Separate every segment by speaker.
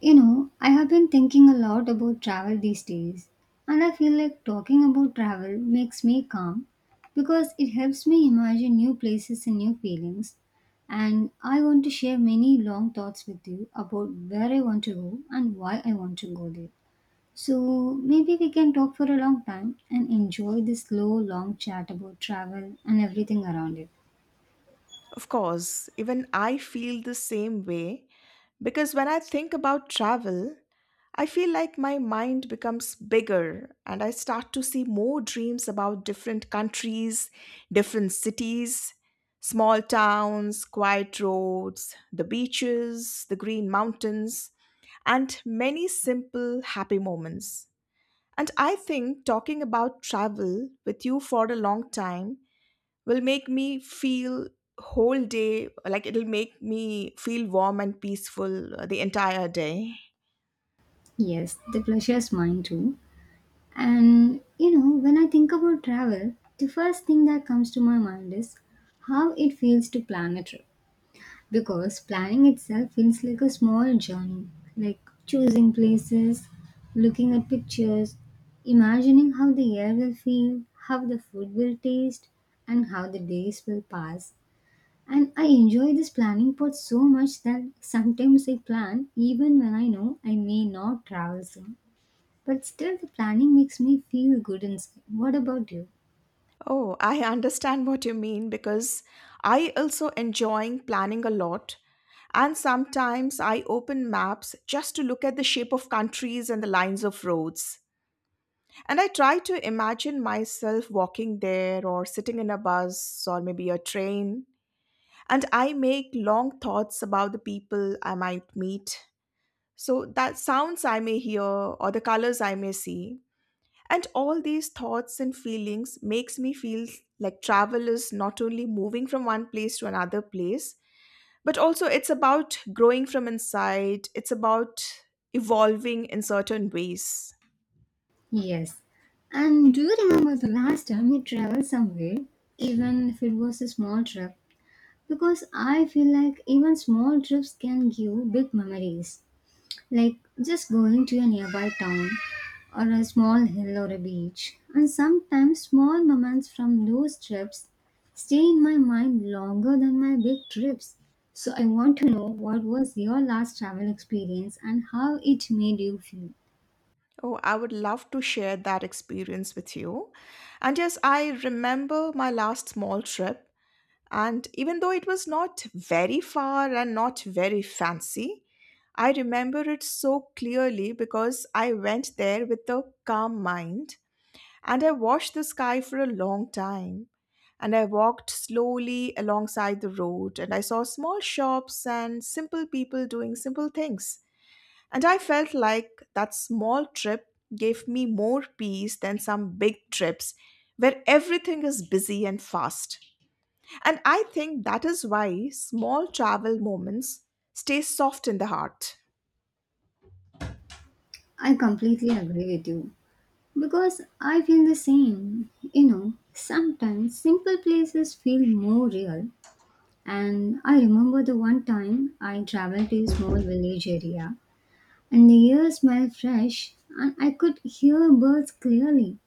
Speaker 1: You know, I have been thinking a lot about travel these days, and I feel like talking about travel makes me calm because it helps me imagine new places and new feelings. And I want to share many long thoughts with you about where I want to go and why I want to go there. So maybe we can talk for a long time and enjoy this slow, long chat about travel and everything around it.
Speaker 2: Of course, even I feel the same way because when I think about travel, I feel like my mind becomes bigger and I start to see more dreams about different countries, different cities, small towns, quiet roads, the beaches, the green mountains, and many simple happy moments. And I think talking about travel with you for a long time will make me feel whole day like it'll make me feel warm and peaceful the entire day.
Speaker 1: Yes, the pleasure is mine too. And you know, when I think about travel, the first thing that comes to my mind is how it feels to plan a trip. Because planning itself feels like a small journey, like choosing places, looking at pictures, imagining how the air will feel, how the food will taste, and how the days will pass. And I enjoy this planning part so much that sometimes I plan even when I know I may not travel soon. But still, the planning makes me feel good inside. What about you?
Speaker 2: Oh, I understand what you mean because I also enjoying planning a lot, and sometimes I open maps just to look at the shape of countries and the lines of roads, and I try to imagine myself walking there or sitting in a bus or maybe a train, and I make long thoughts about the people I might meet. So, that sounds I may hear or the colors I may see. And all these thoughts and feelings makes me feel like travel is not only moving from one place to another place, but also it's about growing from inside. It's about evolving in certain ways.
Speaker 1: Yes. And do you remember the last time you traveled somewhere, even if it was a small trip? Because I feel like even small trips can give big memories, like just going to a nearby town or a small hill or a beach. And sometimes small moments from those trips stay in my mind longer than my big trips. So I want to know what was your last travel experience and how it made you feel.
Speaker 2: Oh, I would love to share that experience with you. And yes, I remember my last small trip. And even though it was not very far and not very fancy, I remember it so clearly because I went there with a calm mind and I watched the sky for a long time. And I walked slowly alongside the road and I saw small shops and simple people doing simple things. And I felt like that small trip gave me more peace than some big trips where everything is busy and fast. And I think that is why small travel moments stay soft in the heart.
Speaker 1: I completely agree with you because I feel the same. You know, sometimes simple places feel more real. And I remember the one time I traveled to a small village area and the air smelled fresh, and I could hear birds clearly.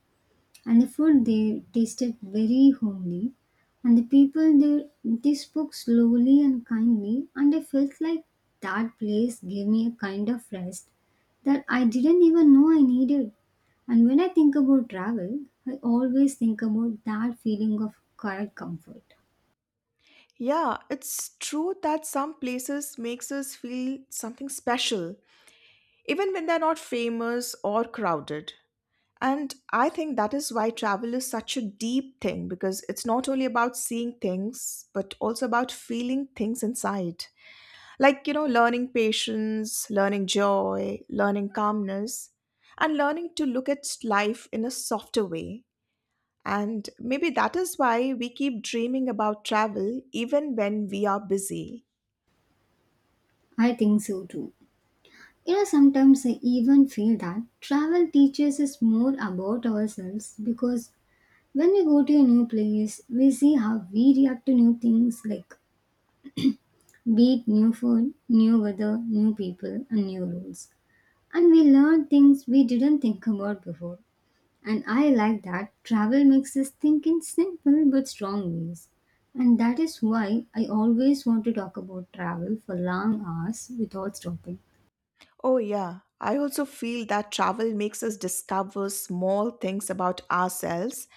Speaker 1: And the food there tasted very homely, and the people there they spoke slowly and kindly, and I felt like that place gave me a kind of rest that I didn't even know I needed. And when I think about travel, I always think about that feeling of quiet comfort.
Speaker 2: Yeah, it's true that some places makes us feel something special even when they're not famous or crowded. And I think that is why travel is such a deep thing because it's not only about seeing things but also about feeling things inside. Like, you know, learning patience, learning joy, learning calmness, and learning to look at life in a softer way. And maybe that is why we keep dreaming about travel even when we are busy.
Speaker 1: I think so too. You know, sometimes I even feel that travel teaches us more about ourselves because when we go to a new place, we see how we react to new things, like be it new food, new weather, new people, and new rules. And we learn things we didn't think about before. And I like that travel makes us think in simple but strong ways. And that is why I always want to talk about travel for long hours without stopping.
Speaker 2: Oh, yeah. I also feel that travel makes us discover small things about ourselves,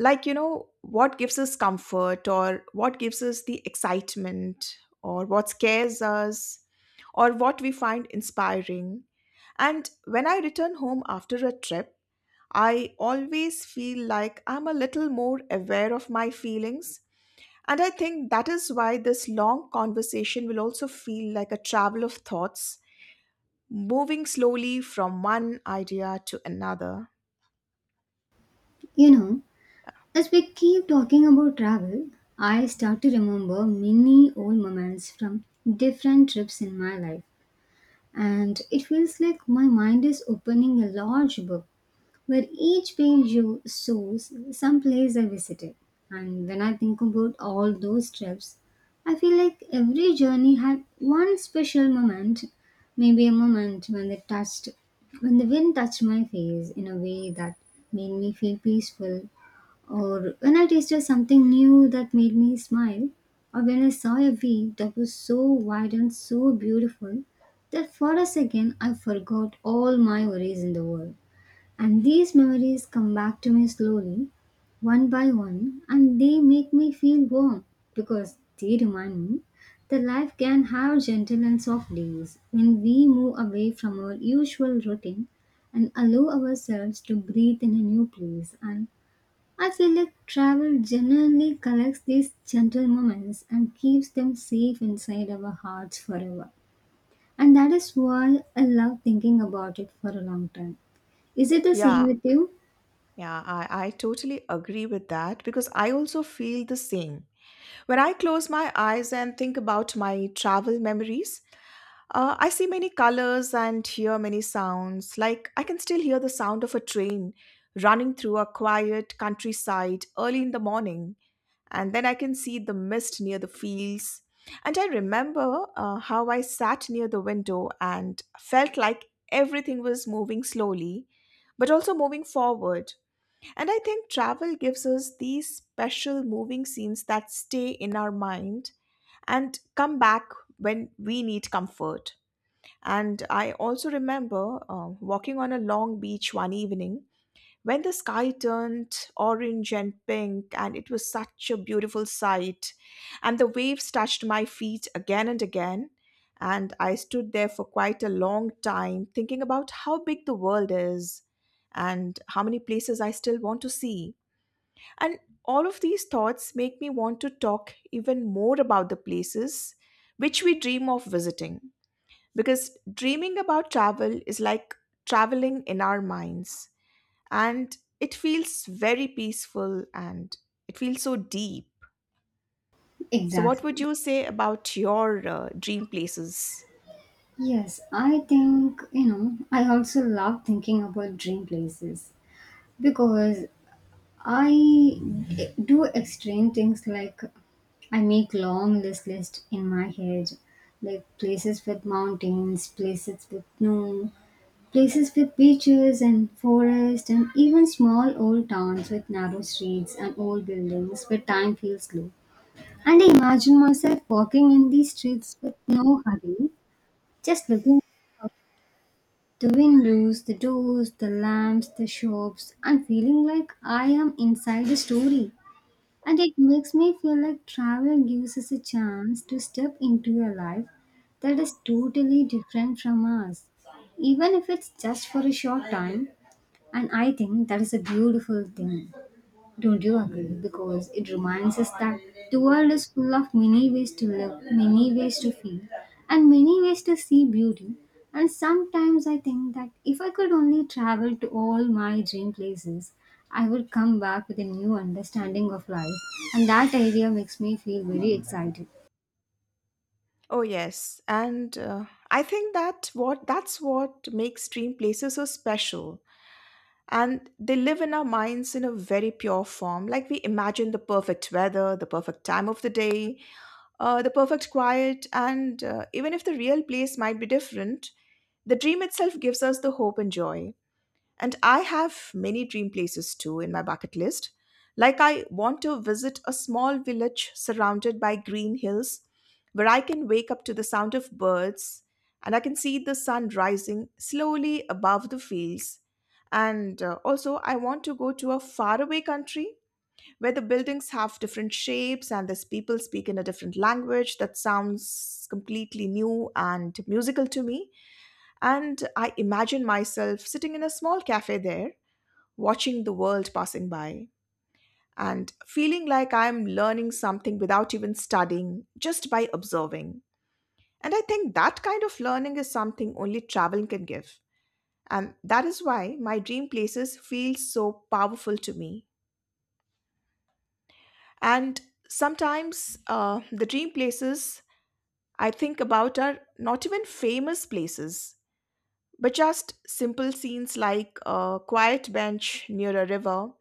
Speaker 2: like you know what gives us comfort or what gives us the excitement or what scares us or what we find inspiring. And when I return home after a trip, I always feel like I'm a little more aware of my feelings, and I think that is why this long conversation will also feel like a travel of thoughts, moving slowly from one idea to another.
Speaker 1: You know, as we keep talking about travel, I start to remember many old moments from different trips in my life, and it feels like my mind is opening a large book where each page you shows some place I visited. And when I think about all those trips, I feel like every journey had one special moment, maybe a moment when the touched when the wind touched my face in a way that made me feel peaceful, or when I tasted something new that made me smile, or when I saw a view that was so wide and so beautiful that for a second I forgot all my worries in the world. And these memories come back to me slowly, one by one, and they make me feel warm because they remind me that life can have gentle and soft days when we move away from our usual routine and allow ourselves to breathe in a new place, and I feel like travel genuinely collects these gentle moments and keeps them safe inside our hearts forever. And that is why I love thinking about it for a long time. Is it the same
Speaker 2: Yeah.
Speaker 1: with you?
Speaker 2: Yeah, I totally agree with that because I also feel the same. When I close my eyes and think about my travel memories, I see many colors and hear many sounds. Like I can still hear the sound of a train running through a quiet countryside early in the morning, and then I can see the mist near the fields. And I remember how I sat near the window and felt like everything was moving slowly, but also moving forward. And I think travel gives us these special moving scenes that stay in our mind and come back when we need comfort. And I also remember walking on a long beach one evening when the sky turned orange and pink, and it was such a beautiful sight. And the waves touched my feet again and again. And I stood there for quite a long time thinking about how big the world is and how many places I still want to see. And all of these thoughts make me want to talk even more about the places which we dream of visiting. Because dreaming about travel is like traveling in our minds, and it feels very peaceful and it feels so deep. So, what would
Speaker 1: Exactly.
Speaker 2: you say about your dream places?
Speaker 1: Yes, I think, you know, I also love thinking about dream places because I do extreme things, like I make long list in my head, like places with mountains, places with snow, places with beaches and forest and even small old towns with narrow streets and old buildings where time feels slow. And I imagine myself walking in these streets with no hurry, just looking out the windows, the doors, the lamps, the shops, and feeling like I am inside a story. And it makes me feel like travel gives us a chance to step into a life that is totally different from us, even if it's just for a short time. And I think that is a beautiful thing. Don't you agree? Because it reminds us that the world is full of many ways to live, many ways to feel, and many ways to see beauty. And sometimes I think that if I could only travel to all my dream places, I would come back with a new understanding of life. And that idea makes me feel very excited.
Speaker 2: Oh yes, and I think that what that's what makes dream places so special, and they live in our minds in a very pure form. Like we imagine the perfect weather, the perfect time of the day, the perfect quiet, and even if the real place might be different, the dream itself gives us the hope and joy. And I have many dream places too in my bucket list. Like, I want to visit a small village surrounded by green hills where I can wake up to the sound of birds and I can see the sun rising slowly above the fields. And also, I want to go to a faraway country where the buildings have different shapes and these people speak in a different language that sounds completely new and musical to me. And I imagine myself sitting in a small cafe there, watching the world passing by, and feeling like I'm learning something without even studying, just by observing. And I think that kind of learning is something only traveling can give. And that is why my dream places feel so powerful to me. And sometimes the dream places I think about are not even famous places, but just simple scenes like a quiet bench near a river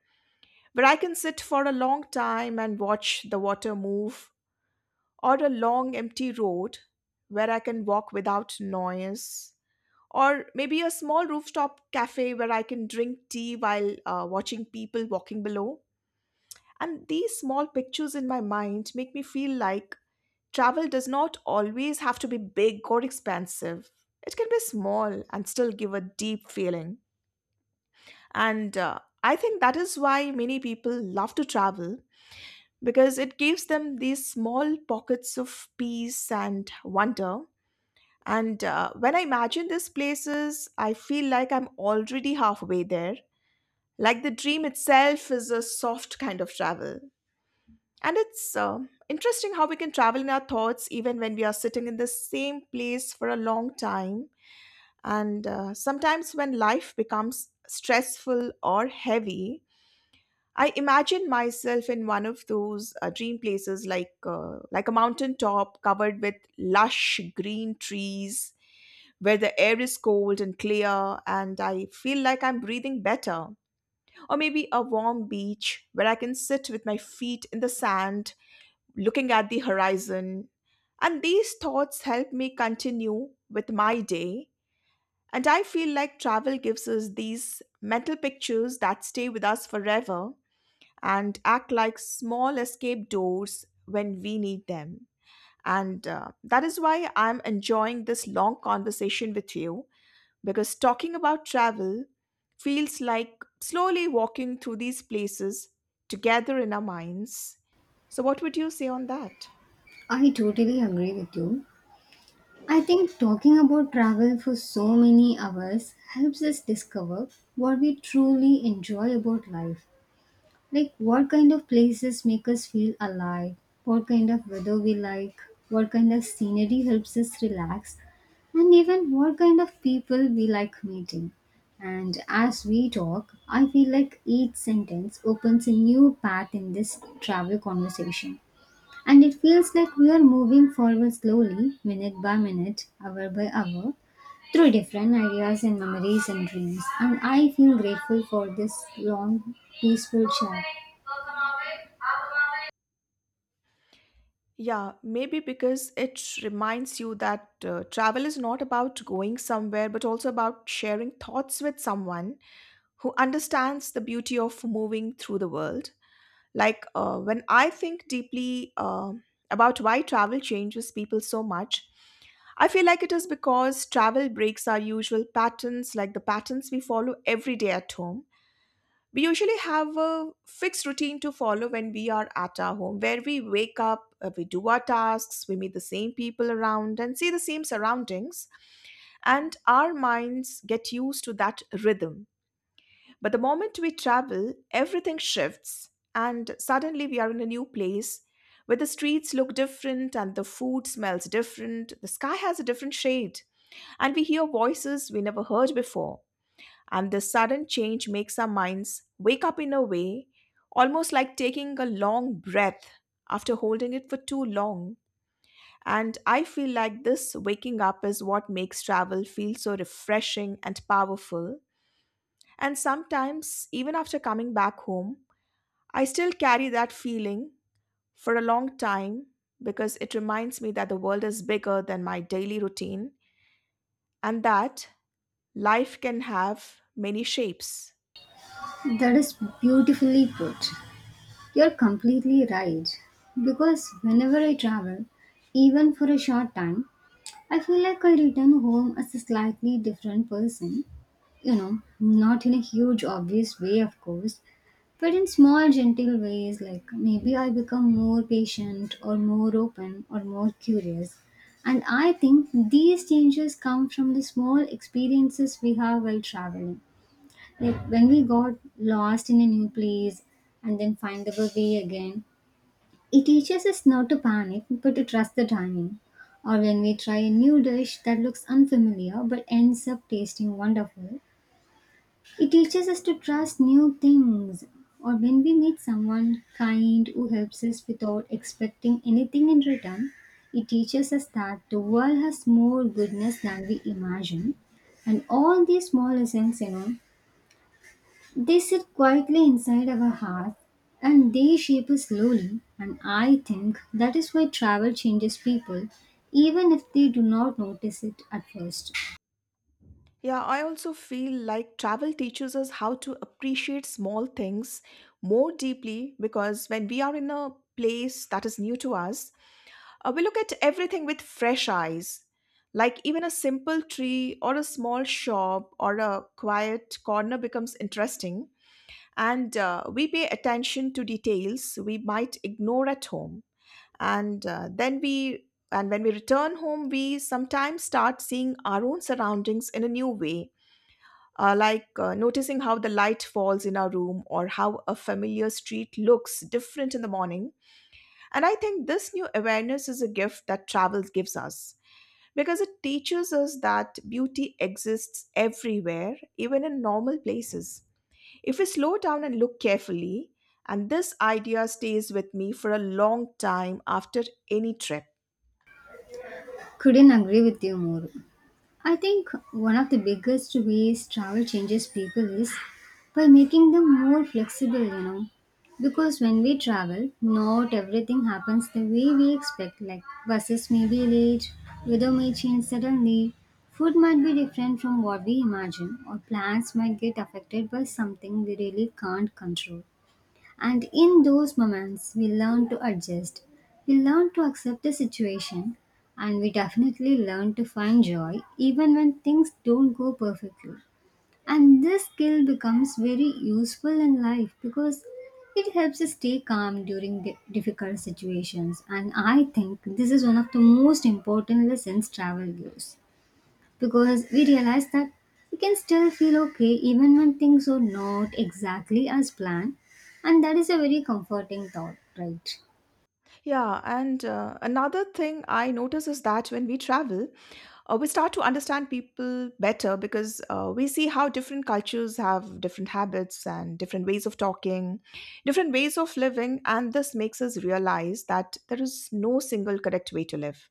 Speaker 2: where I can sit for a long time and watch the water move, or a long empty road where I can walk without noise, or maybe a small rooftop cafe where I can drink tea while watching people walking below. And these small pictures in my mind make me feel like travel does not always have to be big or expansive. It can be small and still give a deep feeling. And I think that is why many people love to travel, because it gives them these small pockets of peace and wonder. And when I imagine these places, I feel like I'm already halfway there. Like the dream itself is a soft kind of travel. And it's interesting how we can travel in our thoughts even when we are sitting in the same place for a long time. And sometimes when life becomes stressful or heavy, I imagine myself in one of those dream places, like a mountain top covered with lush green trees, where the air is cold and clear, and I feel like I'm breathing better. Or maybe a warm beach where I can sit with my feet in the sand, looking at the horizon. And these thoughts help me continue with my day. And I feel like travel gives us these mental pictures that stay with us forever and act like small escape doors when we need them. And that is why I'm enjoying this long conversation with you, because talking about travel feels like slowly walking through these places together in our minds. So, what would you say on that?
Speaker 1: I totally agree with you. I think talking about travel for so many hours helps us discover what we truly enjoy about life. Like what kind of places make us feel alive, what kind of weather we like, what kind of scenery helps us relax, and even what kind of people we like meeting. And as we talk, I feel like each sentence opens a new path in this travel conversation. And it feels like we are moving forward slowly, minute by minute, hour by hour, through different ideas and memories and dreams. And I feel grateful for this long, peaceful chat.
Speaker 2: Yeah, maybe because it reminds you that travel is not about going somewhere, but also about sharing thoughts with someone who understands the beauty of moving through the world. Like when I think deeply about why travel changes people so much, I feel like it is because travel breaks our usual patterns, like the patterns we follow every day at home. We usually have a fixed routine to follow when we are at our home, where we wake up, we do our tasks, we meet the same people around, and see the same surroundings, and our minds get used to that rhythm. But the moment we travel, everything shifts, and suddenly we are in a new place where the streets look different and the food smells different, the sky has a different shade, and we hear voices we never heard before. And this sudden change makes our minds wake up in a way, almost like taking a long breath after holding it for too long. And I feel like this waking up is what makes travel feel so refreshing and powerful. And sometimes, even after coming back home, I still carry that feeling for a long time, because it reminds me that the world is bigger than my daily routine and that life can have many shapes.
Speaker 1: That is beautifully put. You're completely right. Because whenever I travel, even for a short time, I feel like I return home as a slightly different person. You know, not in a huge, obvious way, of course, but in small, gentle ways, like maybe I become more patient or more open or more curious. And I think these changes come from the small experiences we have while traveling. Like when we got lost in a new place and then find our way again, it teaches us not to panic but to trust the timing. Or when we try a new dish that looks unfamiliar but ends up tasting wonderful, it teaches us to trust new things. Or when we meet someone kind who helps us without expecting anything in return, it teaches us that the world has more goodness than we imagine. And all these small lessons, you know, they sit quietly inside our heart and they shape us slowly, and I think that is why travel changes people, even if they do not notice it at first.
Speaker 2: Yeah, I also feel like travel teaches us how to appreciate small things more deeply, because when we are in a place that is new to us, we look at everything with fresh eyes, like even a simple tree or a small shop or a quiet corner becomes interesting, and we pay attention to details we might ignore at home. And when we return home, we sometimes start seeing our own surroundings in a new way, noticing how the light falls in our room or how a familiar street looks different in the morning. And I think this new awareness is a gift that travel gives us, because it teaches us that beauty exists everywhere, even in normal places. If we slow down and look carefully, and this idea stays with me for a long time after any trip.
Speaker 1: Couldn't agree with you more. I think one of the biggest ways travel changes people is by making them more flexible, you know. Because when we travel, not everything happens the way we expect, like buses may be late, weather may change suddenly, food might be different from what we imagine, or plans might get affected by something we really can't control. And in those moments, we learn to adjust, we learn to accept the situation, and we definitely learn to find joy even when things don't go perfectly. And this skill becomes very useful in life because it helps us stay calm during difficult situations. And I think this is one of the most important lessons travel gives because we realize that we can still feel okay even when things are not exactly as planned, and that is a very comforting thought, right?
Speaker 2: Yeah, and another thing I notice is that when we travel, we start to understand people better because we see how different cultures have different habits and different ways of talking, different ways of living, and this makes us realize that there is no single correct way to live.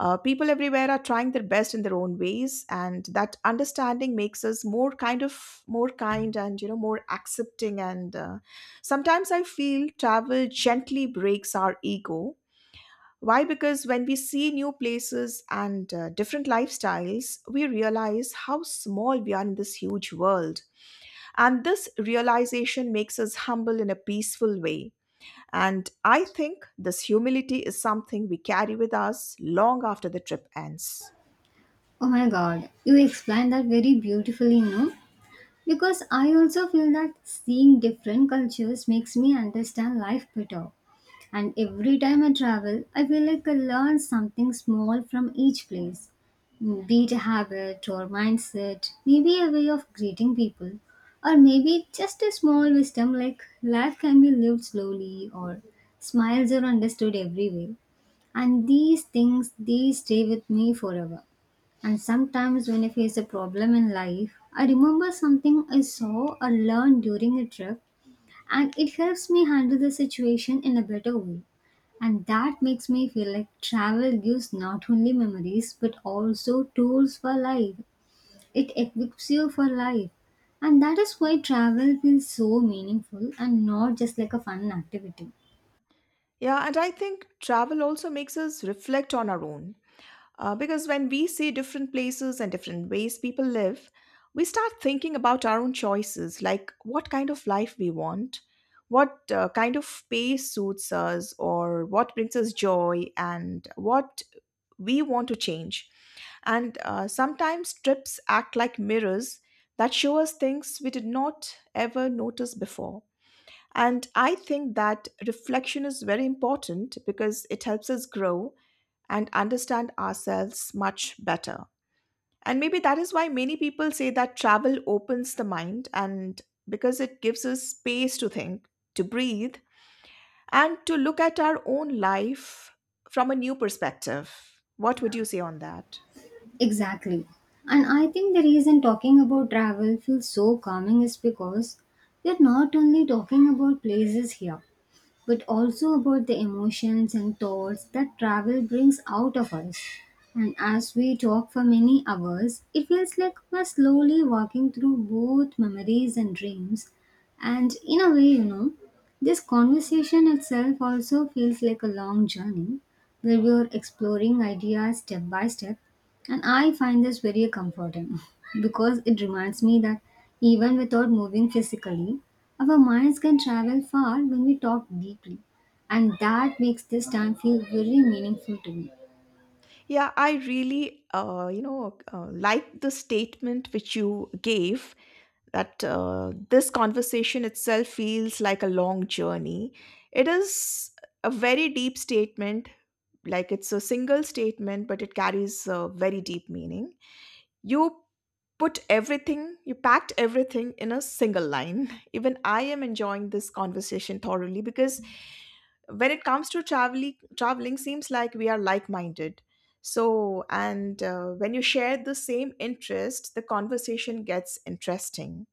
Speaker 2: People everywhere are trying their best in their own ways, and that understanding makes us more kind of more kind and more accepting. And Sometimes I feel travel gently breaks our ego. Why? Because when we see new places and different lifestyles, we realize how small we are in this huge world. And this realization makes us humble in a peaceful way. And I think this humility is something we carry with us long after the trip ends.
Speaker 1: Oh my god, you explained that very beautifully. No, because I also feel that seeing different cultures makes me understand life better. And every time I travel, I feel like I learn something small from each place. Be it a habit or mindset, maybe a way of greeting people, or maybe just a small wisdom like life can be lived slowly or smiles are understood everywhere. And these things they stay with me forever. And sometimes, when I face a problem in life, I remember something I saw or learned during a trip, and it helps me handle the situation in a better way. And that makes me feel like travel gives not only memories but also tools for life. It equips you for life. And that is why travel feels so meaningful and not just like a fun activity.
Speaker 2: Yeah, and I think travel also makes us reflect on our own. Because when we see different places and different ways people live, we start thinking about our own choices, like what kind of life we want, what kind of pace suits us, or what brings us joy, and what we want to change. And sometimes trips act like mirrors that show us things we did not ever notice before. And I think that reflection is very important because it helps us grow and understand ourselves much better. And maybe that is why many people say that travel opens the mind and because it gives us space to think, to breathe, and to look at our own life from a new perspective. What would you say on that?
Speaker 1: Exactly. And I think the reason talking about travel feels so calming is because we're not only talking about places here, but also about the emotions and thoughts that travel brings out of us. And as we talk for many hours, it feels like we're slowly walking through both memories and dreams. And in a way, you know, this conversation itself also feels like a long journey where we are exploring ideas step by step, and I find this very comforting because it reminds me that even without moving physically, our minds can travel far when we talk deeply. And that makes this time feel very meaningful to me.
Speaker 2: Yeah, I really, like the statement which you gave that this conversation itself feels like a long journey. It is a very deep statement, like it's a single statement, but it carries a very deep meaning. You put everything, you packed everything in a single line. Even I am enjoying this conversation thoroughly because when it comes to traveling, seems like we are like-minded. So and when you share the same interest, the conversation gets interesting.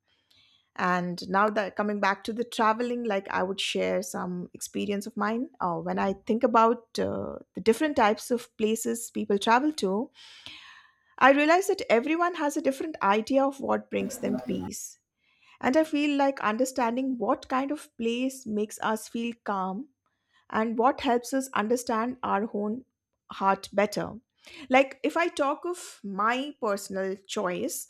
Speaker 2: And now that coming back to the traveling, like I would share some experience of mine. When I think about the different types of places people travel to, I realize that everyone has a different idea of what brings them peace. And I feel like understanding what kind of place makes us feel calm and what helps us understand our own heart better. Like, if I talk of my personal choice,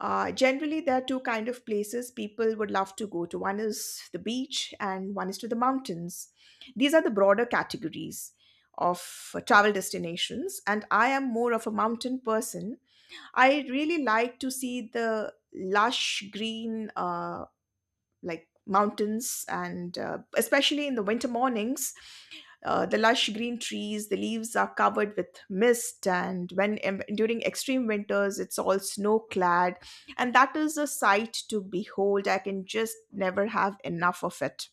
Speaker 2: generally, there are two kind of places people would love to go to. One is the beach, and one is to the mountains. These are the broader categories of travel destinations, and I am more of a mountain person. I really like to see the lush green, like mountains, and especially in the winter mornings, the lush green trees, the leaves are covered with mist, and when during extreme winters, it's all snow clad, and that is a sight to behold. I can just never have enough of it.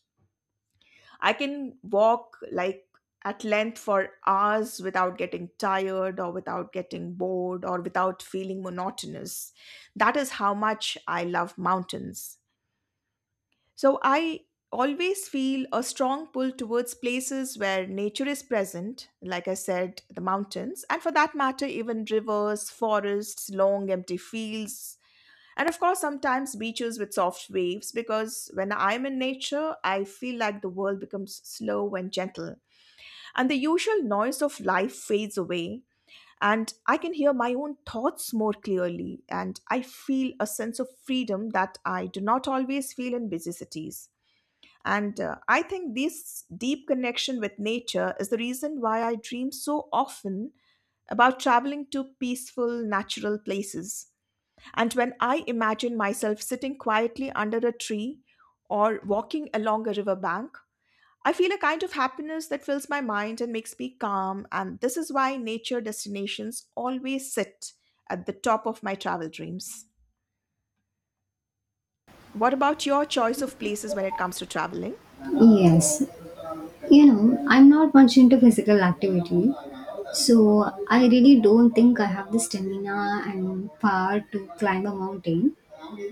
Speaker 2: I can walk like at length for hours without getting tired or without getting bored or without feeling monotonous. That is how much I love mountains. So I always feel a strong pull towards places where nature is present, like I said, the mountains, and for that matter, even rivers, forests, long empty fields, and of course, sometimes beaches with soft waves, because when I'm in nature, I feel like the world becomes slow and gentle, and the usual noise of life fades away. And I can hear my own thoughts more clearly, and I feel a sense of freedom that I do not always feel in busy cities. And I think this deep connection with nature is the reason why I dream so often about traveling to peaceful, natural places. And when I imagine myself sitting quietly under a tree or walking along a riverbank, I feel a kind of happiness that fills my mind and makes me calm. And this is why nature destinations always sit at the top of my travel dreams. What about your choice of places when it comes to traveling?
Speaker 1: Yes, you know, I'm not much into physical activity, so I really don't think I have the stamina and power to climb a mountain.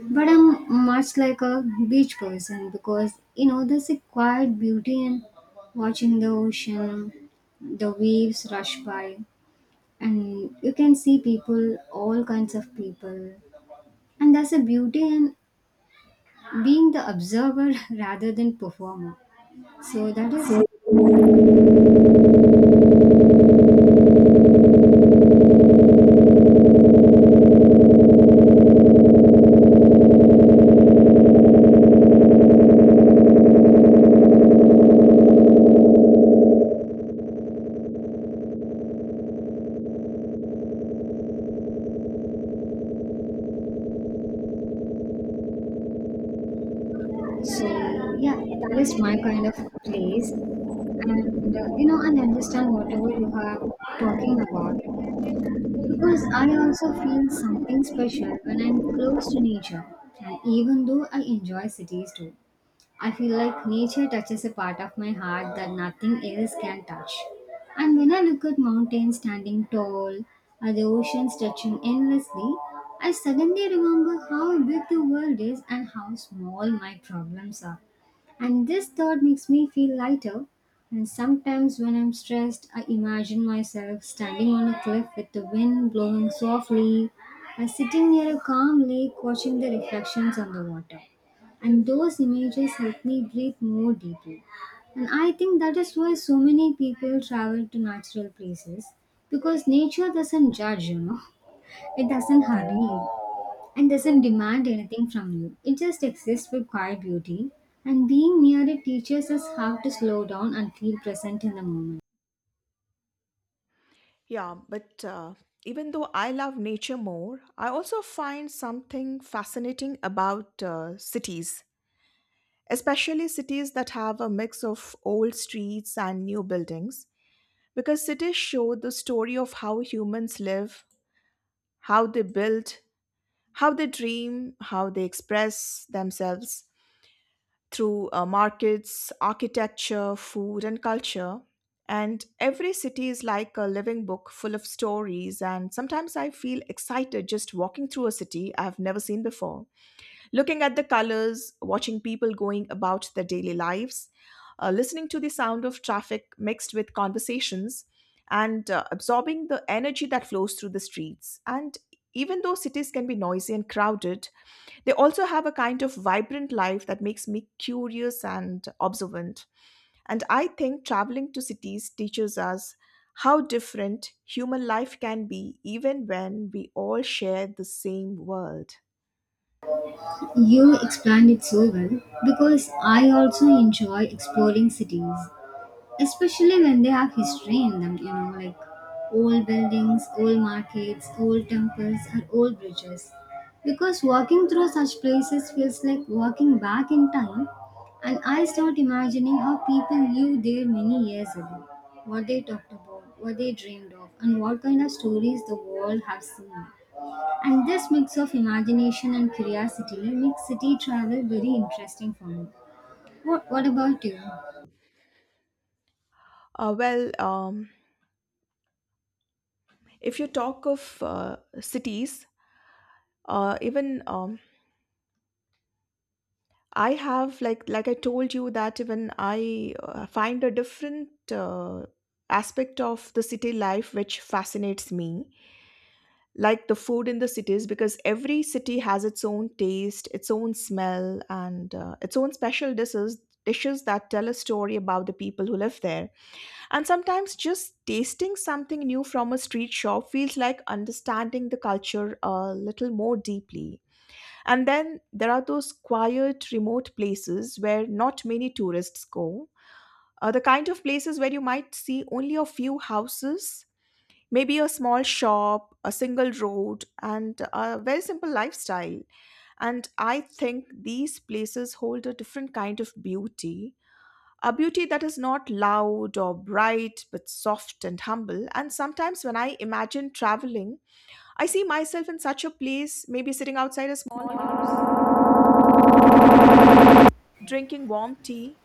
Speaker 1: But I'm much like a beach person because you know there's a quiet beauty in watching the ocean, the waves rush by, and you can see people, all kinds of people, and there's a beauty in being the observer rather than performer. So that is, so yeah, that is my kind of place, and you know, and understand whatever you are talking about. Because I also feel something special when I'm close to nature, and even though I enjoy cities too. I feel like nature touches a part of my heart that nothing else can touch. And when I look at mountains standing tall or the ocean stretching endlessly, I suddenly remember how big the world is and how small my problems are. And this thought makes me feel lighter. And sometimes when I'm stressed, I imagine myself standing on a cliff with the wind blowing softly, or sitting near a calm lake watching the reflections on the water, and those images help me breathe more deeply. And I think that is why so many people travel to natural places because nature doesn't judge, you know, it doesn't hurry you and doesn't demand anything from you. It just exists with quiet beauty, and being near it teaches us how to slow down and feel present in the moment.
Speaker 2: Yeah, but even though I love nature more, I also find something fascinating about cities, especially cities that have a mix of old streets and new buildings, because cities show the story of how humans live, how they build, how they dream, how they express themselves through markets, architecture, food, and culture. And every city is like a living book full of stories. And sometimes I feel excited just walking through a city I've never seen before, looking at the colors, watching people going about their daily lives, listening to the sound of traffic mixed with conversations, and absorbing the energy that flows through the streets. And even though cities can be noisy and crowded, they also have a kind of vibrant life that makes me curious and observant. And I think traveling to cities teaches us how different human life can be, even when we all share the same world.
Speaker 1: You explained it so well because I also enjoy exploring cities, especially when they have history in them, you know, like old buildings, old markets, old temples, or old bridges, because walking through such places feels like walking back in time, and I start imagining how people lived there many years ago, what they talked about, what they dreamed of, and what kind of stories the world have seen. And this mix of imagination and curiosity makes city travel very interesting for me. What about you?
Speaker 2: Well, if you talk of cities, even I have like I told you that even I find a different aspect of the city life which fascinates me, like the food in the cities, because every city has its own taste, its own smell, and its own special dishes that tell a story about the people who live there. And sometimes just tasting something new from a street shop feels like understanding the culture a little more deeply. And then there are those quiet, remote places where not many tourists go. The kind of places where you might see only a few houses, maybe a small shop, a single road, and a very simple lifestyle. And I think these places hold a different kind of beauty. A beauty that is not loud or bright, but soft and humble. And sometimes when I imagine traveling, I see myself in such a place, maybe sitting outside a small house, drinking warm tea,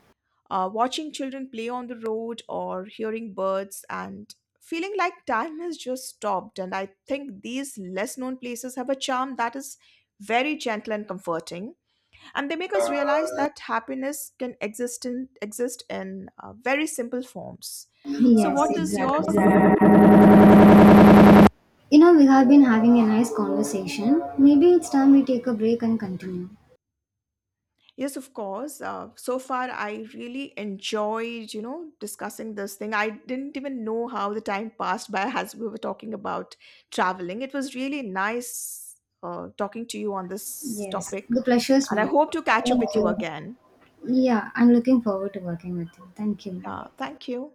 Speaker 2: watching children play on the road or hearing birds and feeling like time has just stopped. And I think these less known places have a charm that is very gentle and comforting. And they make us realize that happiness can exist in very simple forms. So,
Speaker 1: Yes,
Speaker 2: what is yours?
Speaker 1: exactly. You know, we have been having a nice conversation. Maybe it's time we take a break and continue.
Speaker 2: Yes, of course. So far, I really enjoyed, you know, discussing this thing. I didn't even know how the time passed by as we were talking about traveling. It was really nice talking to you on this
Speaker 1: Yes,
Speaker 2: topic,
Speaker 1: the pleasure's
Speaker 2: and I
Speaker 1: mine.
Speaker 2: hope to catch up
Speaker 1: Thank
Speaker 2: with you
Speaker 1: you.
Speaker 2: again.
Speaker 1: Yeah, I'm looking forward to working with you. Thank you.
Speaker 2: Thank you.